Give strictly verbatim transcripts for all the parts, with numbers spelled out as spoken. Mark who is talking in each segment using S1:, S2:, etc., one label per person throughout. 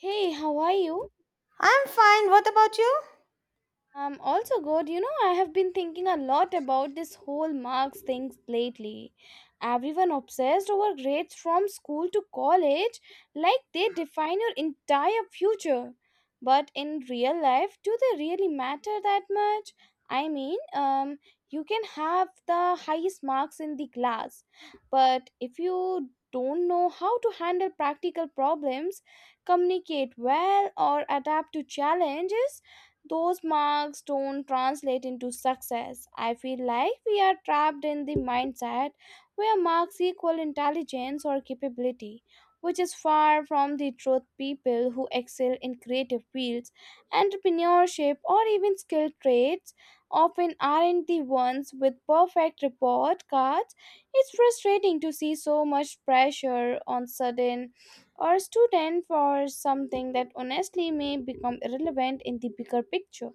S1: Hey, how are you?
S2: I'm fine. What about you?
S1: Um, also, God, you know, I have been thinking a lot about this whole marks things lately. Everyone obsessed over grades from school to college, like they define your entire future. But in real life, do they really matter that much? I mean, um, you can have the highest marks in the class, but if you don't know how to handle practical problems, communicate well, or adapt to challenges, those marks don't translate into success. I feel like we are trapped in the mindset where marks equal intelligence or capability, which is far from the truth. People who excel in creative fields, entrepreneurship, or even skilled trades often aren't the ones with perfect report cards. It's frustrating to see so much pressure on sudden or student for something that honestly may become irrelevant in the bigger picture.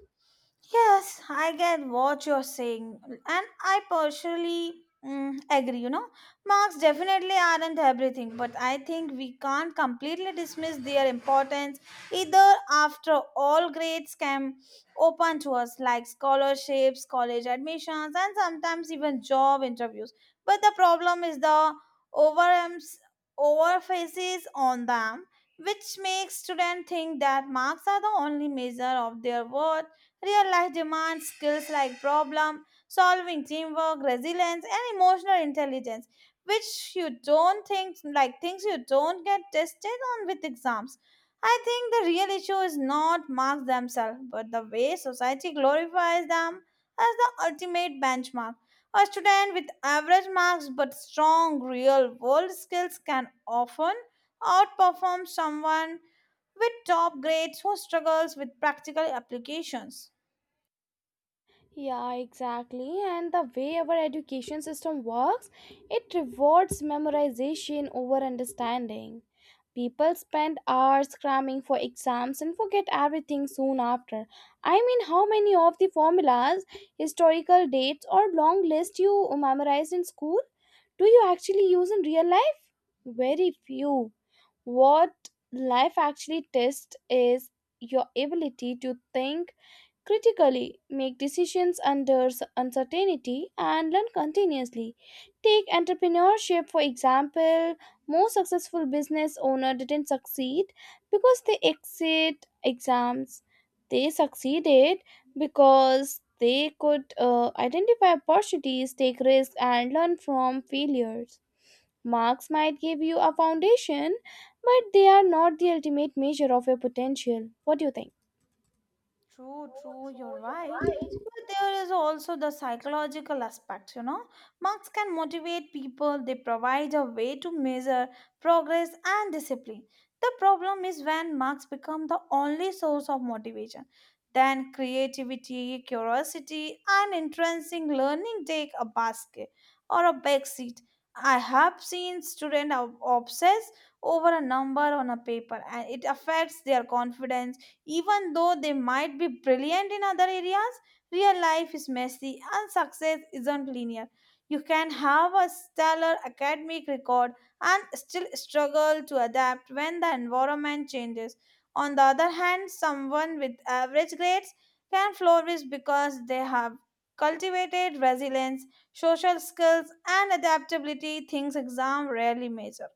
S2: Yes, I get what you're saying, and I personally mm, agree. You know, marks definitely aren't everything, but I think we can't completely dismiss their importance either. After all, grades can open to us like scholarships, college admissions, and sometimes even job interviews. But the problem is the overems overfaces on them, which makes students think that marks are the only measure of their worth. Real life demands skills like problem solving, teamwork, resilience, and emotional intelligence, which you don't think like things you don't get tested on with exams. I think the real issue is not marks themselves, but the way society glorifies them as the ultimate benchmark. A student with average marks but strong real world skills can often outperform someone with top grades who struggles with practical applications.
S1: Yeah, exactly. And the way our education system works, it rewards memorization over understanding. People spend hours cramming for exams and forget everything soon after. I mean, how many of the formulas, historical dates, or long lists you memorized in school do you actually use in real life? Very few. What life actually tests is your ability to think critically, make decisions under s- uncertainty, and learn continuously. Take entrepreneurship, for example. Most successful business owners didn't succeed because they exit exams. They succeeded because they could uh, identify opportunities, take risks, and learn from failures. Marks might give you a foundation, but they are not the ultimate measure of your potential. What do you think?
S2: True, true, you're right. But there is also the psychological aspect, you know. Marks can motivate people, they provide a way to measure progress and discipline. The problem is when marks become the only source of motivation. Then creativity, curiosity, and intrinsic learning take a basket or a back seat. I have seen students obsess over a number on a paper and it affects their confidence even though they might be brilliant in other areas. Real life is messy and success isn't linear. You can have a stellar academic record and still struggle to adapt when the environment changes. On the other hand, someone with average grades can flourish because they have cultivated resilience, social skills, and adaptability, things exam rarely measure.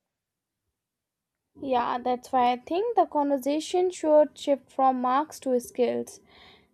S1: Yeah, that's why I think the conversation should shift from marks to skills.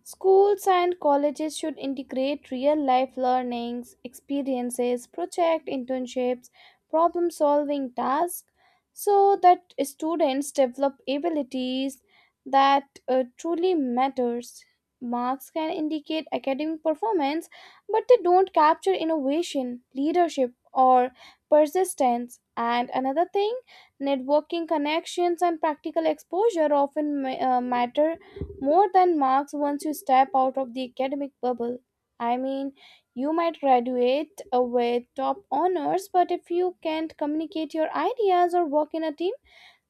S1: Schools and colleges should integrate real life learnings, experiences, project internships, problem solving tasks so that students develop abilities that uh, truly matters. Marks can indicate academic performance, but they don't capture innovation, leadership, or persistence. And another thing, networking connections and practical exposure often ma- uh, matter more than marks once you step out of the academic bubble. I mean, you might graduate uh, with top honors, but if you can't communicate your ideas or work in a team,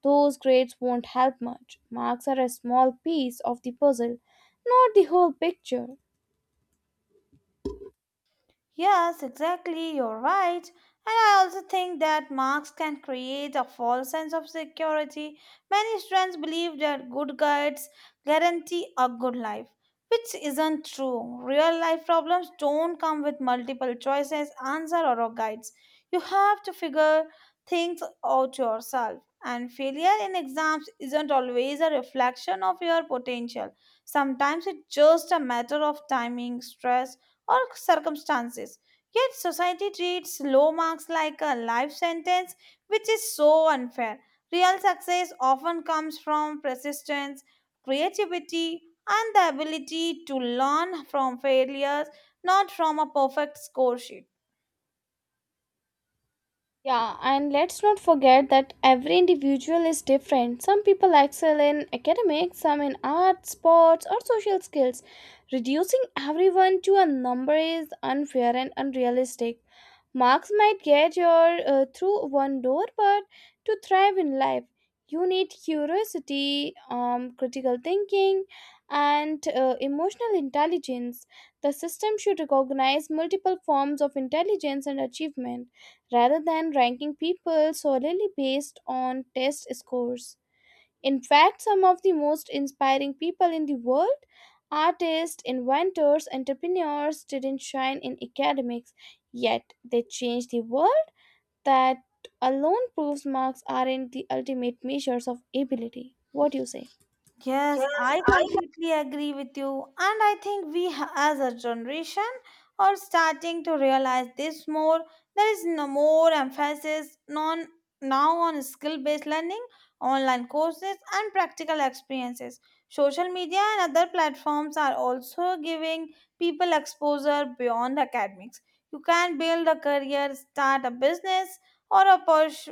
S1: those grades won't help much. Marks are a small piece of the puzzle, not the whole picture.
S2: Yes, exactly, you're right. And I also think that marks can create a false sense of security. Many students believe that good grades guarantee a good life, which isn't true. Real life problems don't come with multiple choices, answer or guides. You have to figure things out yourself. And failure in exams isn't always a reflection of your potential. Sometimes it's just a matter of timing, stress, or circumstances. Yet society treats low marks like a life sentence, which is so unfair. Real success often comes from persistence, creativity, and the ability to learn from failures, not from a perfect score sheet.
S1: Yeah, and let's not forget that every individual is different. Some people excel in academics, some in arts, sports, or social skills. Reducing everyone to a number is unfair and unrealistic. Marks might get you uh, through one door, but to thrive in life, you need curiosity, um, critical thinking, and uh, emotional intelligence. The system should recognize multiple forms of intelligence and achievement rather than ranking people solely based on test scores. In fact, some of the most inspiring people in the world, artists, inventors, entrepreneurs, didn't shine in academics, yet they changed the world. That alone proves marks aren't the ultimate measures of ability. What do you say?
S2: Yes, I completely agree with you. And I think we, ha- as a generation, are starting to realize this more. There is no more emphasis non, now on skill based learning, online courses, and practical experiences. Social media and other platforms are also giving people exposure beyond academics. You can build a career, start a business, or a purs-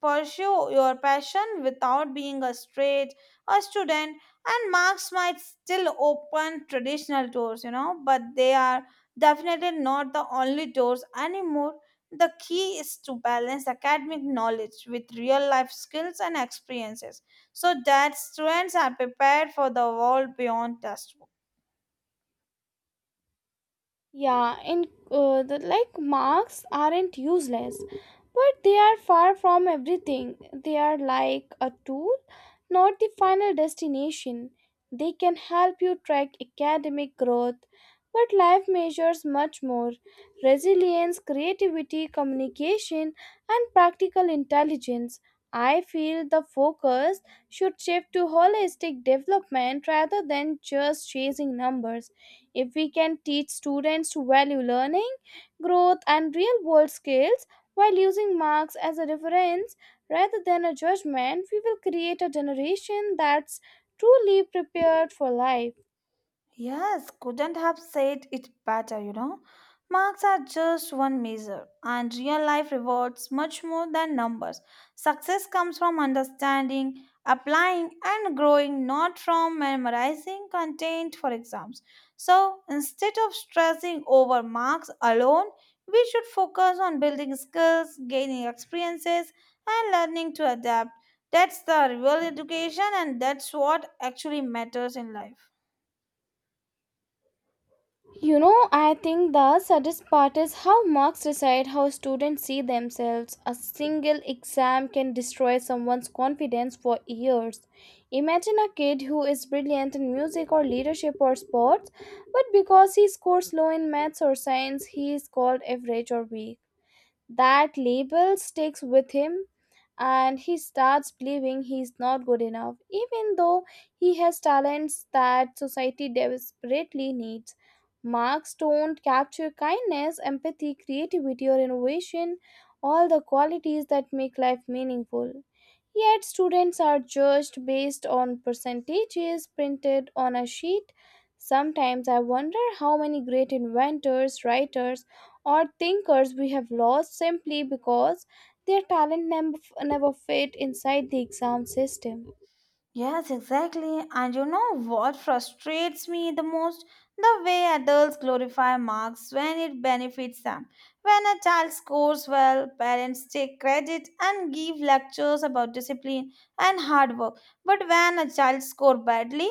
S2: pursue your passion without being a straight a student. And marks might still open traditional doors, you know, but they are definitely not the only doors anymore. The key is to balance academic knowledge with real life skills and experiences so that students are prepared for the world beyond test.
S1: Yeah, in uh, the, like marks aren't useless, but they are far from everything. They are like a tool, not the final destination. They can help you track academic growth, but life measures much more resilience, creativity, communication, and practical intelligence. I feel the focus should shift to holistic development rather than just chasing numbers. If we can teach students to value learning, growth, and real world skills while using marks as a reference rather than a judgment, we will create a generation that's truly prepared for life.
S2: Yes, couldn't have said it better, you know. Marks are just one measure, and real life rewards much more than numbers. Success comes from understanding, applying, and growing, not from memorizing content for exams. So instead of stressing over marks alone, we should focus on building skills, gaining experiences, and learning to adapt. That's the real education, and that's what actually matters in life.
S1: You know, I think the saddest part is how marks decide how students see themselves. A single exam can destroy someone's confidence for years. Imagine a kid who is brilliant in music or leadership or sports, but because he scores low in maths or science, he is called average or weak. That label sticks with him and he starts believing he's not good enough, even though he has talents that society desperately needs. Marks don't capture kindness, empathy, creativity, or innovation, all the qualities that make life meaningful. Yet, students are judged based on percentages printed on a sheet. Sometimes I wonder how many great inventors, writers, or thinkers we have lost simply because their talent nem- never fit inside the exam system.
S2: Yes, exactly. And you know what frustrates me the most? The way adults glorify marks when it benefits them. When a child scores well, parents take credit and give lectures about discipline and hard work. But when a child scores badly,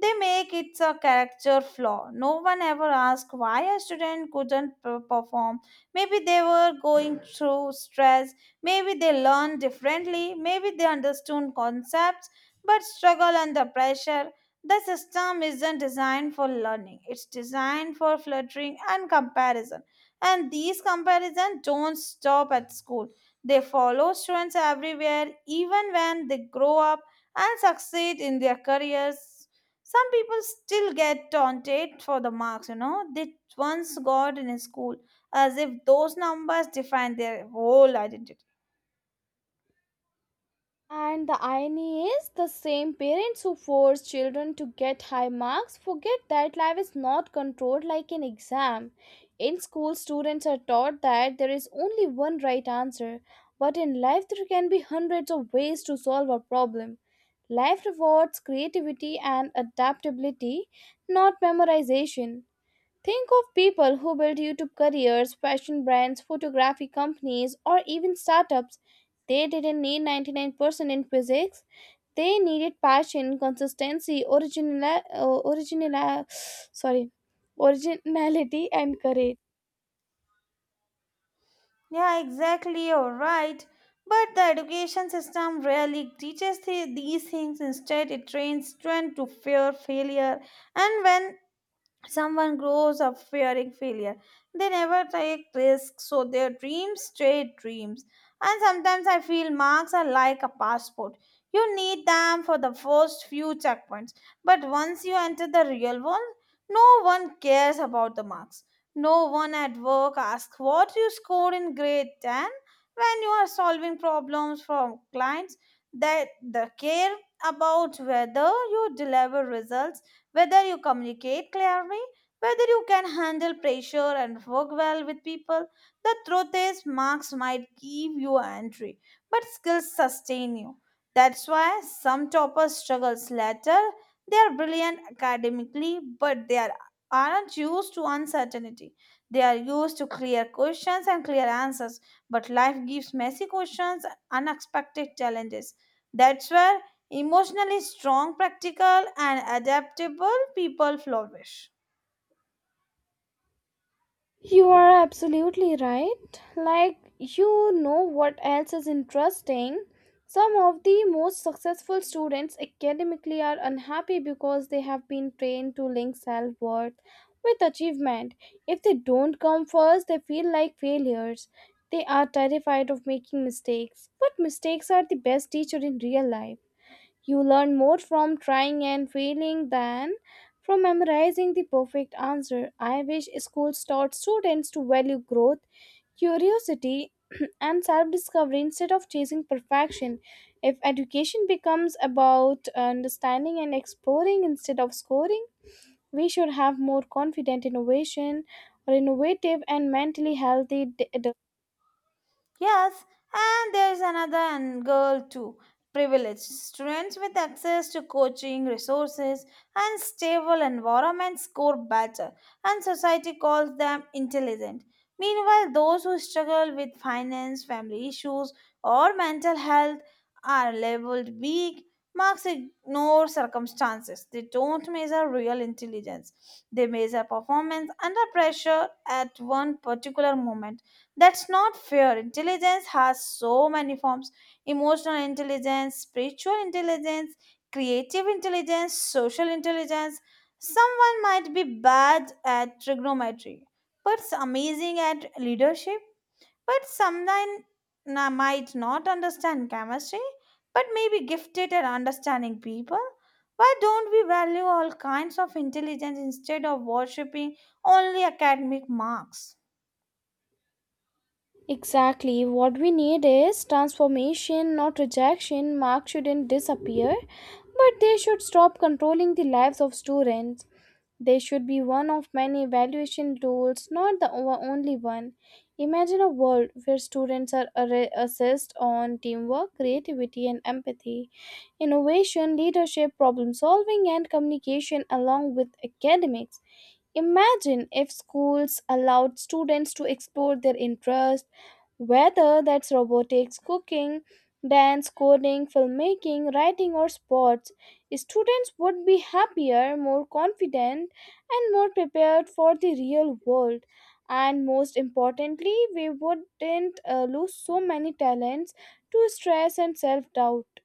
S2: they make it a character flaw. No one ever asks why a student couldn't per- perform. Maybe they were going through stress, maybe they learned differently, maybe they understood concepts but struggle under pressure. The system isn't designed for learning, it's designed for fluttering and comparison. And these comparisons don't stop at school, they follow students everywhere, even when they grow up and succeed in their careers. Some people still get taunted for the marks, you know, they once got in school, as if those numbers define their whole identity.
S1: And the irony is, the same parents who force children to get high marks forget that life is not controlled like an exam. In school, students are taught that there is only one right answer, but in life, there can be hundreds of ways to solve a problem. Life rewards creativity and adaptability, not memorization. Think of people who build YouTube careers, fashion brands, photography companies, or even startups. They didn't need ninety-nine percent in physics. They needed passion, consistency, original, uh, original, sorry, originality, and courage.
S2: Yeah, exactly. You're right. But the education system rarely teaches the, these things. Instead, it trains students to fear failure. And when someone grows up fearing failure, they never take risks, so their dreams stay dreams. And sometimes I feel marks are like a passport. You need them for the first few checkpoints, but once you enter the real world, no one cares about the marks. No one at work asks what you scored in grade ten. When you are solving problems from clients, that the care about whether you deliver results, whether you communicate clearly, whether you can handle pressure and work well with people, the truth is marks might give you entry, but skills sustain you. That's why some toppers struggles later. They are brilliant academically, but they are, aren't used to uncertainty. They are used to clear questions and clear answers, but life gives messy questions and unexpected challenges. That's where emotionally strong, practical, and adaptable people flourish.
S1: You are absolutely right. Like, you know what else is interesting? Some of the most successful students academically are unhappy because they have been trained to link self worth with achievement. If they don't come first, they feel like failures. They are terrified of making mistakes. But mistakes are the best teacher in real life. You learn more from trying and failing than from memorizing the perfect answer. I wish schools taught students to value growth, curiosity, and self discovery instead of chasing perfection. If education becomes about understanding and exploring instead of scoring, we should have more confident innovation or innovative and mentally healthy d-
S2: Yes, and there's another and girl too. Privileged students with access to coaching, resources, and stable environments score better, and society calls them intelligent. Meanwhile, those who struggle with finance, family issues, or mental health are labeled weak. Marks ignore circumstances. They don't measure real intelligence. They measure performance under pressure at one particular moment. That's not fair. Intelligence has so many forms: emotional intelligence, spiritual intelligence, creative intelligence, social intelligence. Someone might be bad at trigonometry, but amazing at leadership. But someone na- might not understand chemistry, but may be gifted at understanding people. Why don't we value all kinds of intelligence instead of worshipping only academic marks?
S1: Exactly. What we need is transformation, not rejection. Marks shouldn't disappear, but they should stop controlling the lives of students. They should be one of many evaluation tools, not the o- only one. Imagine a world where students are arra- assessed on teamwork, creativity, and empathy, innovation, leadership, problem solving, and communication, along with academics. Imagine if schools allowed students to explore their interests whether that's robotics, cooking, dance, coding, filmmaking, writing, or sports, students would be happier, more confident, and more prepared for the real world. And most importantly, we wouldn't uh, lose so many talents to stress and self doubt.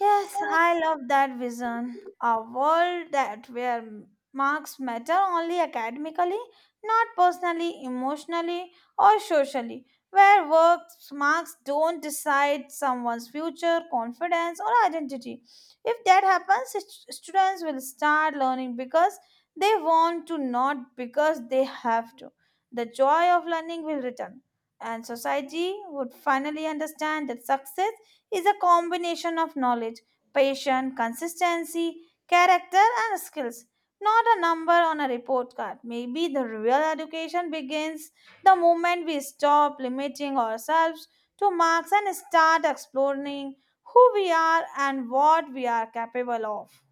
S2: Yes, I love that vision. A world that where marks matter only academically, not personally, emotionally, or socially. Where work marks don't decide someone's future, confidence, or identity. If that happens, st- students will start learning because they want to, not because they have to. The joy of learning will return, and society would finally understand that success is a combination of knowledge, patience, consistency, character, and skills. Not a number on a report card. Maybe the real education begins the moment we stop limiting ourselves to marks and start exploring who we are and what we are capable of.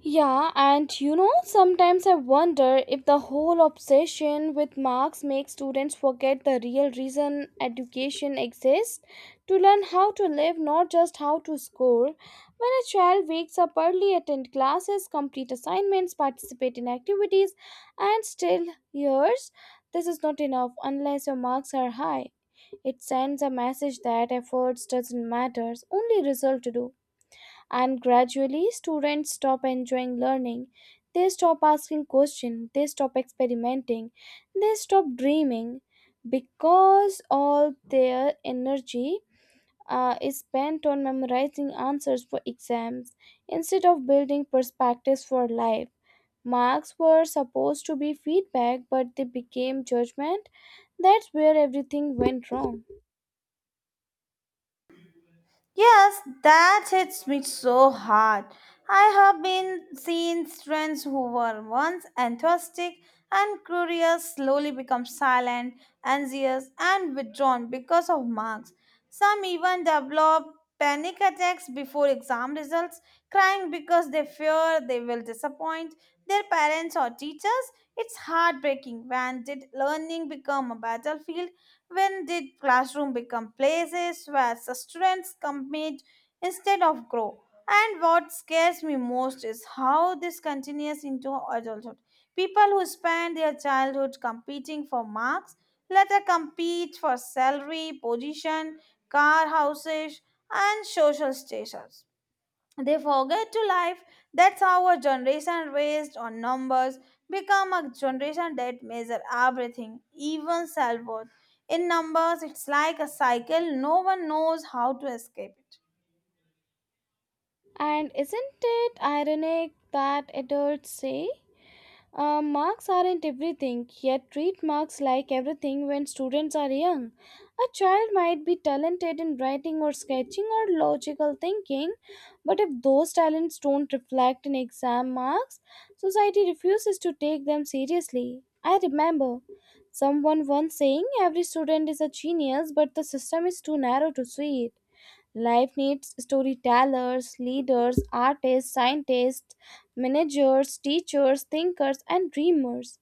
S1: Yeah, and you know, sometimes I wonder if the whole obsession with marks makes students forget the real reason education exists to learn how to live, not just how to score. When a child wakes up early, attend classes, complete assignments, participate in activities, and still hears this is not enough unless your marks are high. It sends a message that efforts doesn't matter, only result to do, and gradually students stop enjoying learning. They stop asking questions. They stop experimenting. They stop dreaming, because all their energy uh, is spent on memorizing answers for exams instead of building perspectives for life. Marks were supposed to be feedback, but they became judgment. That's where everything went wrong.
S2: Yes, that hits me so hard. I have been seen friends who were once enthusiastic and curious slowly become silent, anxious, and withdrawn because of marks. Some even develop panic attacks before exam results, crying because they fear they will disappoint their parents or teachers. It's heartbreaking. When did learning become a battlefield? When did classroom become places where students compete instead of grow? And what scares me most is how this continues into adulthood. People who spend their childhood competing for marks later compete for salary, position, car, houses, and social status. They forget to life. That's how a generation raised on numbers become a generation that measure everything, even self worth, in numbers. It's like a cycle. No one knows how to escape it.
S1: And isn't it ironic that adults say, Uh, marks aren't everything, yet treat marks like everything when students are young. A child might be talented in writing or sketching or logical thinking, but if those talents don't reflect in exam marks, society refuses to take them seriously. I remember someone once saying every student is a genius, but the system is too narrow to see it. Life needs storytellers, leaders, artists, scientists, managers, teachers, thinkers, and dreamers.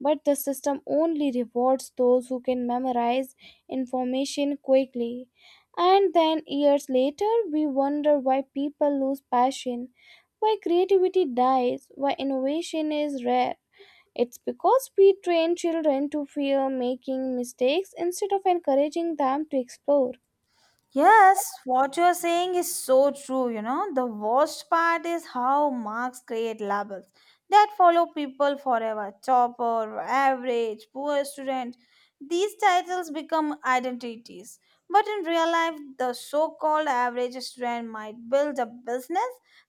S1: But the system only rewards those who can memorize information quickly. And then years later, we wonder why people lose passion, why creativity dies, why innovation is rare. It's because we train children to fear making mistakes instead of encouraging them to explore.
S2: Yes, what you're saying is so true. You know, the worst part is how marks create labels that follow people forever: topper, average, poor student. These titles become identities. But in real life, the so called average student might build a business,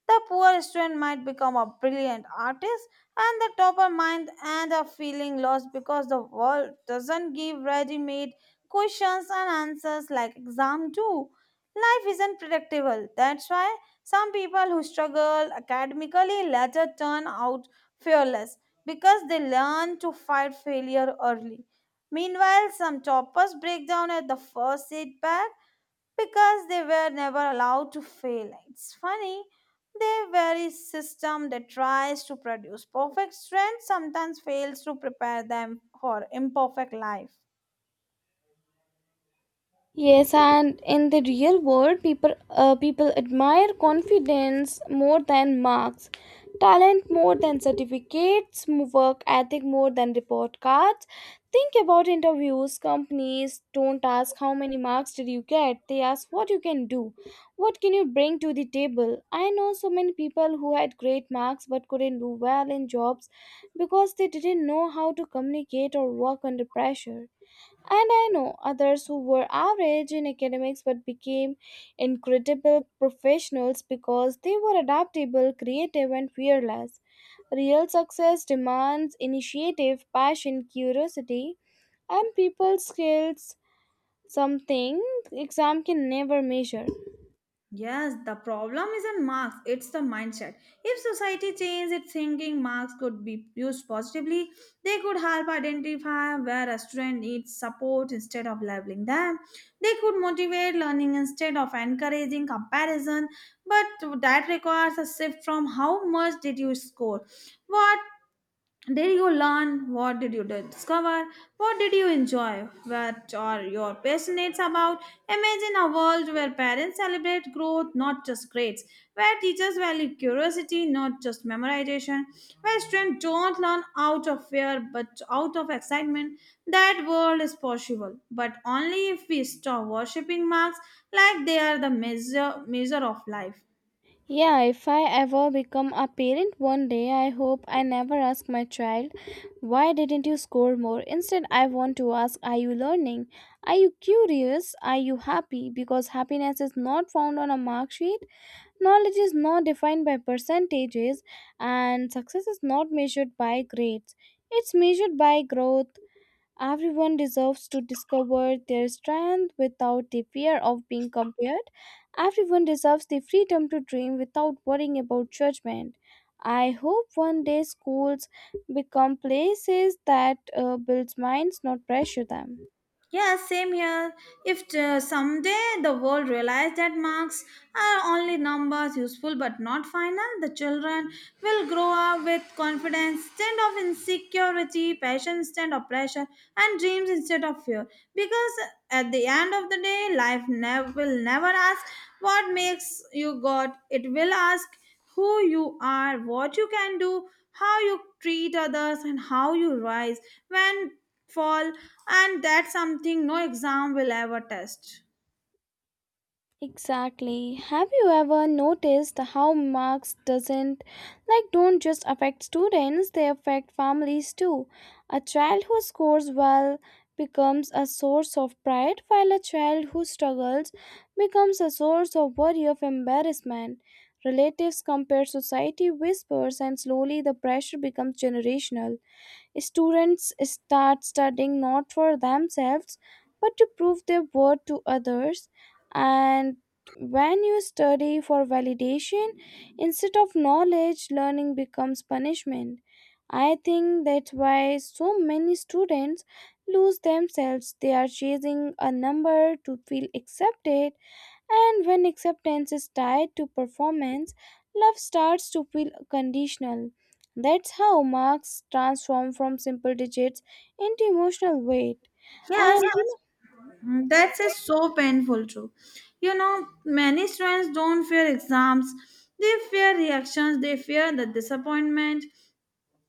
S2: the poor student might become a brilliant artist, and the topper might end up feeling lost because the world doesn't give ready made questions and answers like exam do. Life isn't predictable. That's why some people who struggle academically later turn out fearless because they learn to fight failure early. Meanwhile, some toppers break down at the first setback because they were never allowed to fail. It's funny, the very system that tries to produce perfect strength sometimes fails to prepare them for imperfect life.
S1: Yes, and in the real world, people uh, people admire confidence more than marks, talent more than certificates, m- work ethic more than report cards. Think about interviews. Companies don't ask how many marks did you get. They ask what you can do, what can you bring to the table. I know so many people who had great marks but couldn't do well in jobs because they didn't know how to communicate or work under pressure. And I know others who were average in academics but became incredible professionals because they were adaptable, creative, and fearless. Real success demands initiative, passion, curiosity, and people skills, something exam can never measure.
S2: Yes, the problem isn't marks, it's the mindset. If society changed its thinking, marks could be used positively. They could help identify where a student needs support instead of labeling them. They could motivate learning instead of encouraging comparison. But that requires a shift from how much did you score? What did you learn? What did you discover? What did you enjoy? What are your passionate about? Imagine a world where parents celebrate growth, not just grades, where teachers value curiosity, not just memorization, where students don't learn out of fear but out of excitement. That world is possible, but only if we stop worshipping marks like they are the measure, measure of life.
S1: Yeah, if I ever become a parent one day, I hope I never ask my child, why didn't you score more? Instead, I want to ask, are you learning? Are you curious? Are you happy? Because happiness is not found on a mark sheet, knowledge is not defined by percentages, and success is not measured by grades. It's measured by growth. Everyone deserves to discover their strength without the fear of being compared. Everyone deserves the freedom to dream without worrying about judgment. I hope one day schools become places that uh, build minds, not pressure them.
S2: Yeah, same here. If uh, someday the world realized that marks are only numbers, useful but not final, the children will grow up with confidence instead of insecurity, passion instead of pressure, and dreams instead of fear. Because at the end of the day, life never will never ask what makes you got. It will ask who you are, what you can do, how you treat others, and how you rise when fall. And that's something no exam will ever test.
S1: Exactly. Have you ever noticed how marks doesn't like don't just affect students, they affect families too. A child who scores well becomes a source of pride while a child who struggles becomes a source of worry of embarrassment. Relatives compare society whispers and slowly the pressure becomes generational. Students start studying not for themselves but to prove their worth to others. And when you study for validation instead of knowledge, learning becomes punishment. I think that's why so many students lose themselves. They are chasing a number to feel accepted, and when acceptance is tied to performance, love starts to feel conditional. That's how marks transform from simple digits into emotional weight.
S2: Yes,
S1: And you know,
S2: that's is so painful too. You know, many students don't fear exams. They fear reactions. They fear the disappointment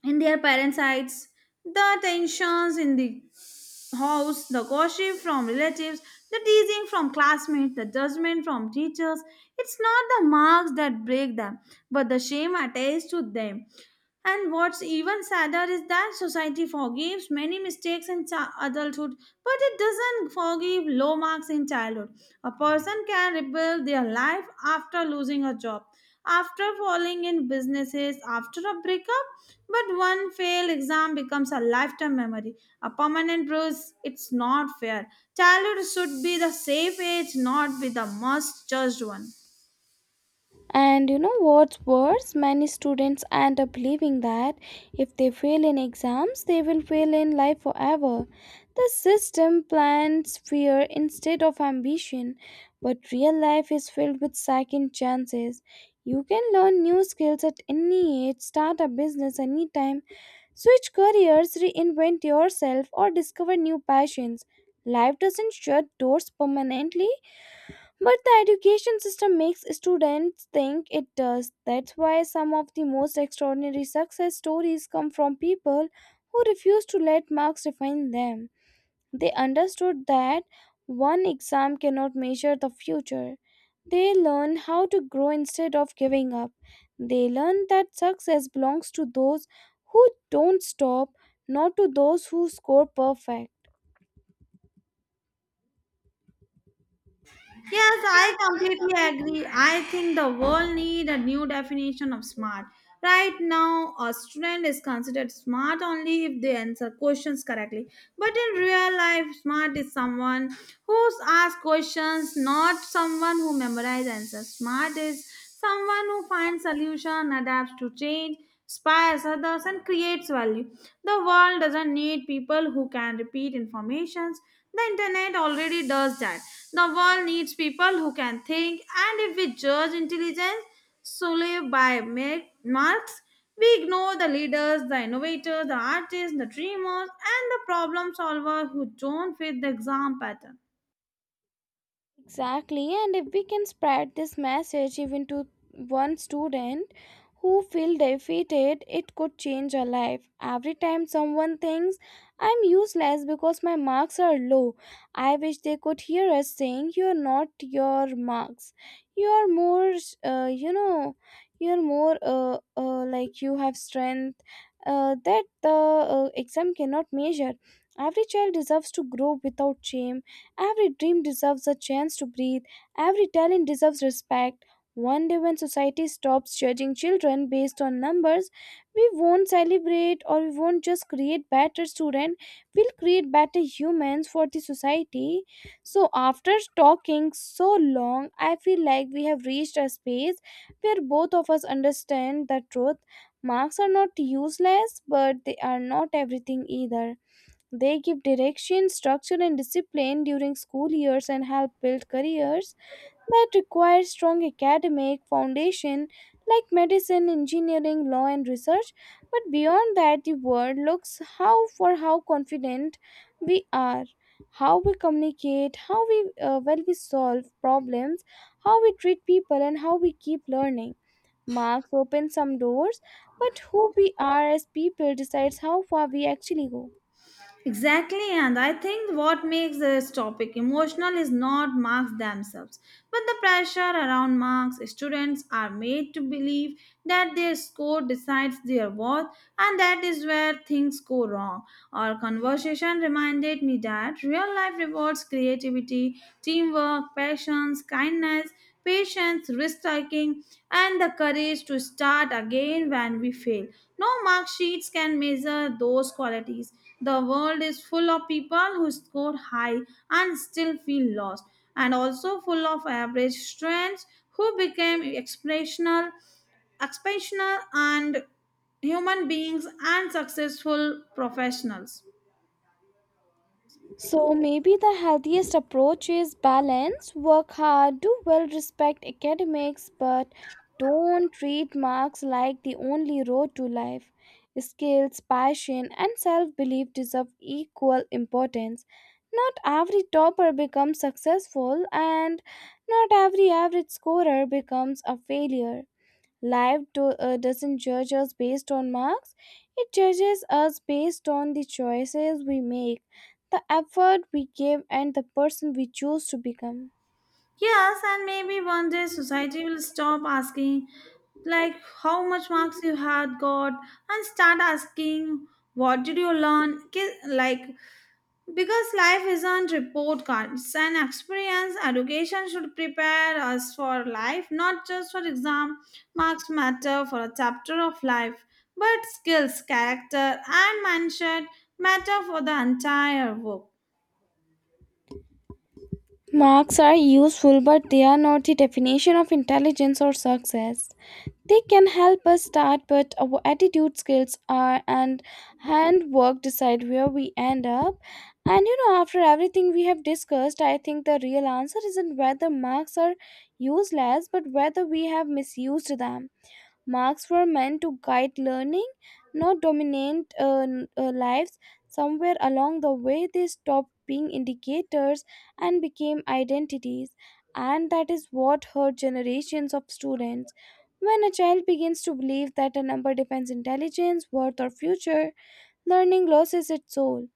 S2: in their parents' eyes, the tensions in the house, the gossip from relatives, the teasing from classmates, the judgment from teachers. It's not the marks that break them, but the shame attached to them. And what's even sadder is that society forgives many mistakes in chi- adulthood, but it doesn't forgive low marks in childhood. A person can rebuild their life after losing a job, after falling in businesses, after a breakup, but one failed exam becomes a lifetime memory, a permanent bruise. It's not fair. Childhood should be the safe age, not be the most judged one.
S1: And you know what's worse? Many students end up believing that if they fail in exams, they will fail in life forever. The system plants fear instead of ambition, but real life is filled with second chances. You can learn new skills at any age, start a business anytime, switch careers, reinvent yourself, or discover new passions. Life doesn't shut doors permanently, but the education system makes students think it does. That's why some of the most extraordinary success stories come from people who refuse to let marks define them. They understood that one exam cannot measure the future. They learned how to grow instead of giving up. They learned that success belongs to those who don't stop, not to those who score perfect.
S2: Yes, I completely agree. I think the world need a new definition of smart. Right now, a student is considered smart only if they answer questions correctly. But in real life, smart is someone who asks questions, not someone who memorizes answers. Smart is someone who finds solution, adapts to change, inspires others, and creates value. The world doesn't need people who can repeat informations. The internet already does that. The world needs people who can think, and if we judge intelligence solely by ma- marks, we ignore the leaders, the innovators, the artists, the dreamers, and the problem solvers who don't fit the exam pattern.
S1: Exactly, and if we can spread this message even to one student who feel defeated, it could change a life. Every time someone thinks I'm useless because my marks are low, I wish they could hear us saying you're not your marks. You're more, uh, you know, you're more uh, uh, like you have strength uh, that the uh, exam cannot measure. Every child deserves to grow without shame. Every dream deserves a chance to breathe, every talent deserves respect. One day, when society stops judging children based on numbers, we won't celebrate or we won't just create better students, we'll create better humans for the society. So, after talking so long, I feel like we have reached a space where both of us understand the truth. Marks are not useless, but they are not everything either. They give direction, structure, and discipline during school years and help build careers that require strong academic foundation like medicine, engineering, law, and research. But beyond that, the world looks how for how confident we are, how we communicate, how we uh, well we solve problems, how we treat people, and how we keep learning. Marks open some doors, but who we are as people decides how far we actually go.
S2: Exactly, and I think what makes this topic emotional is not marks themselves, but the pressure around marks. Students are made to believe that their score decides their worth, and that is where things go wrong. Our conversation reminded me that real life rewards creativity, teamwork, passions, kindness, patience, risk taking, and the courage to start again when we fail. No mark sheets can measure those qualities. The world is full of people who score high and still feel lost, and also full of average strengths who became expressional, expansional, and human beings and successful professionals.
S1: So maybe the healthiest approach is balance, work hard, do well, respect academics, but don't treat marks like the only road to life. Skills, passion, and self belief deserve equal importance. Not every topper becomes successful, and not every average scorer becomes a failure. Life do, uh, doesn't judge us based on marks, it judges us based on the choices we make, the effort we give, and the person we choose to become.
S2: Yes, and maybe one day society will stop asking, like, how much marks you had got and start asking what did you learn, Ki- like. Because life isn't report cards and experience, education should prepare us for life, not just for exam. Marks matter for a chapter of life, but skills, character, and mindset matter for the entire work.
S1: Marks are useful, but they are not the definition of intelligence or success. They can help us start, but our attitude, skills, are and handwork decide where we end up. And you know, after everything we have discussed, I think the real answer isn't whether marks are useless, but whether we have misused them. Marks were meant to guide learning, not dominate uh, n- uh, lives. Somewhere along the way, they stopped being indicators and became identities, and that is what hurt generations of students. When a child begins to believe that a number defines intelligence, worth, or future, learning loses its soul.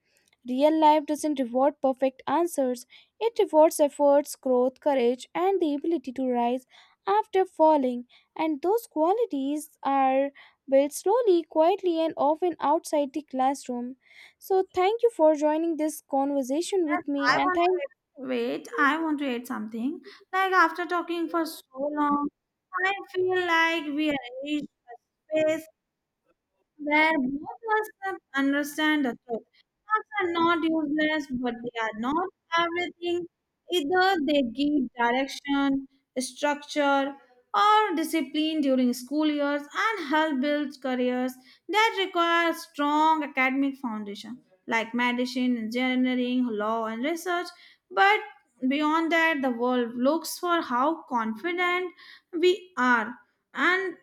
S1: Real life doesn't reward perfect answers, it rewards efforts, growth, courage, and the ability to rise after falling. And those qualities are built slowly, quietly, and often outside the classroom. So, thank you for joining this conversation
S2: Yes,
S1: with me,
S2: I
S1: and
S2: want to
S1: thank
S2: add- wait. I want to add something. Like after talking for so long, I feel like we are reached a space where both must understand the truth. Facts are not useless, but they are not everything. Either they give direction, structure, or discipline during school years and help build careers that require strong academic foundation, like medicine, engineering, law, and research. But beyond that, the world looks for how confident we are and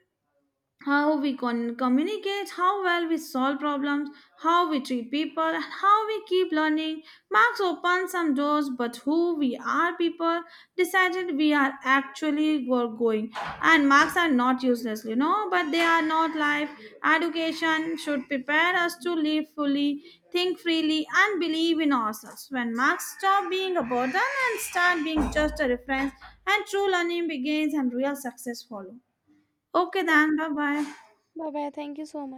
S2: how we con- communicate, how well we solve problems, how we treat people, and how we keep learning. Marks open some doors, but who we are, people decided we are actually were going. And marks are not useless, you know, but they are not life. Education should prepare us to live fully, think freely, and believe in ourselves. When marks stop being a burden and start being just a reference, and true learning begins and real success follow. Okay, then, bye bye.
S1: bye bye. Thank you so much.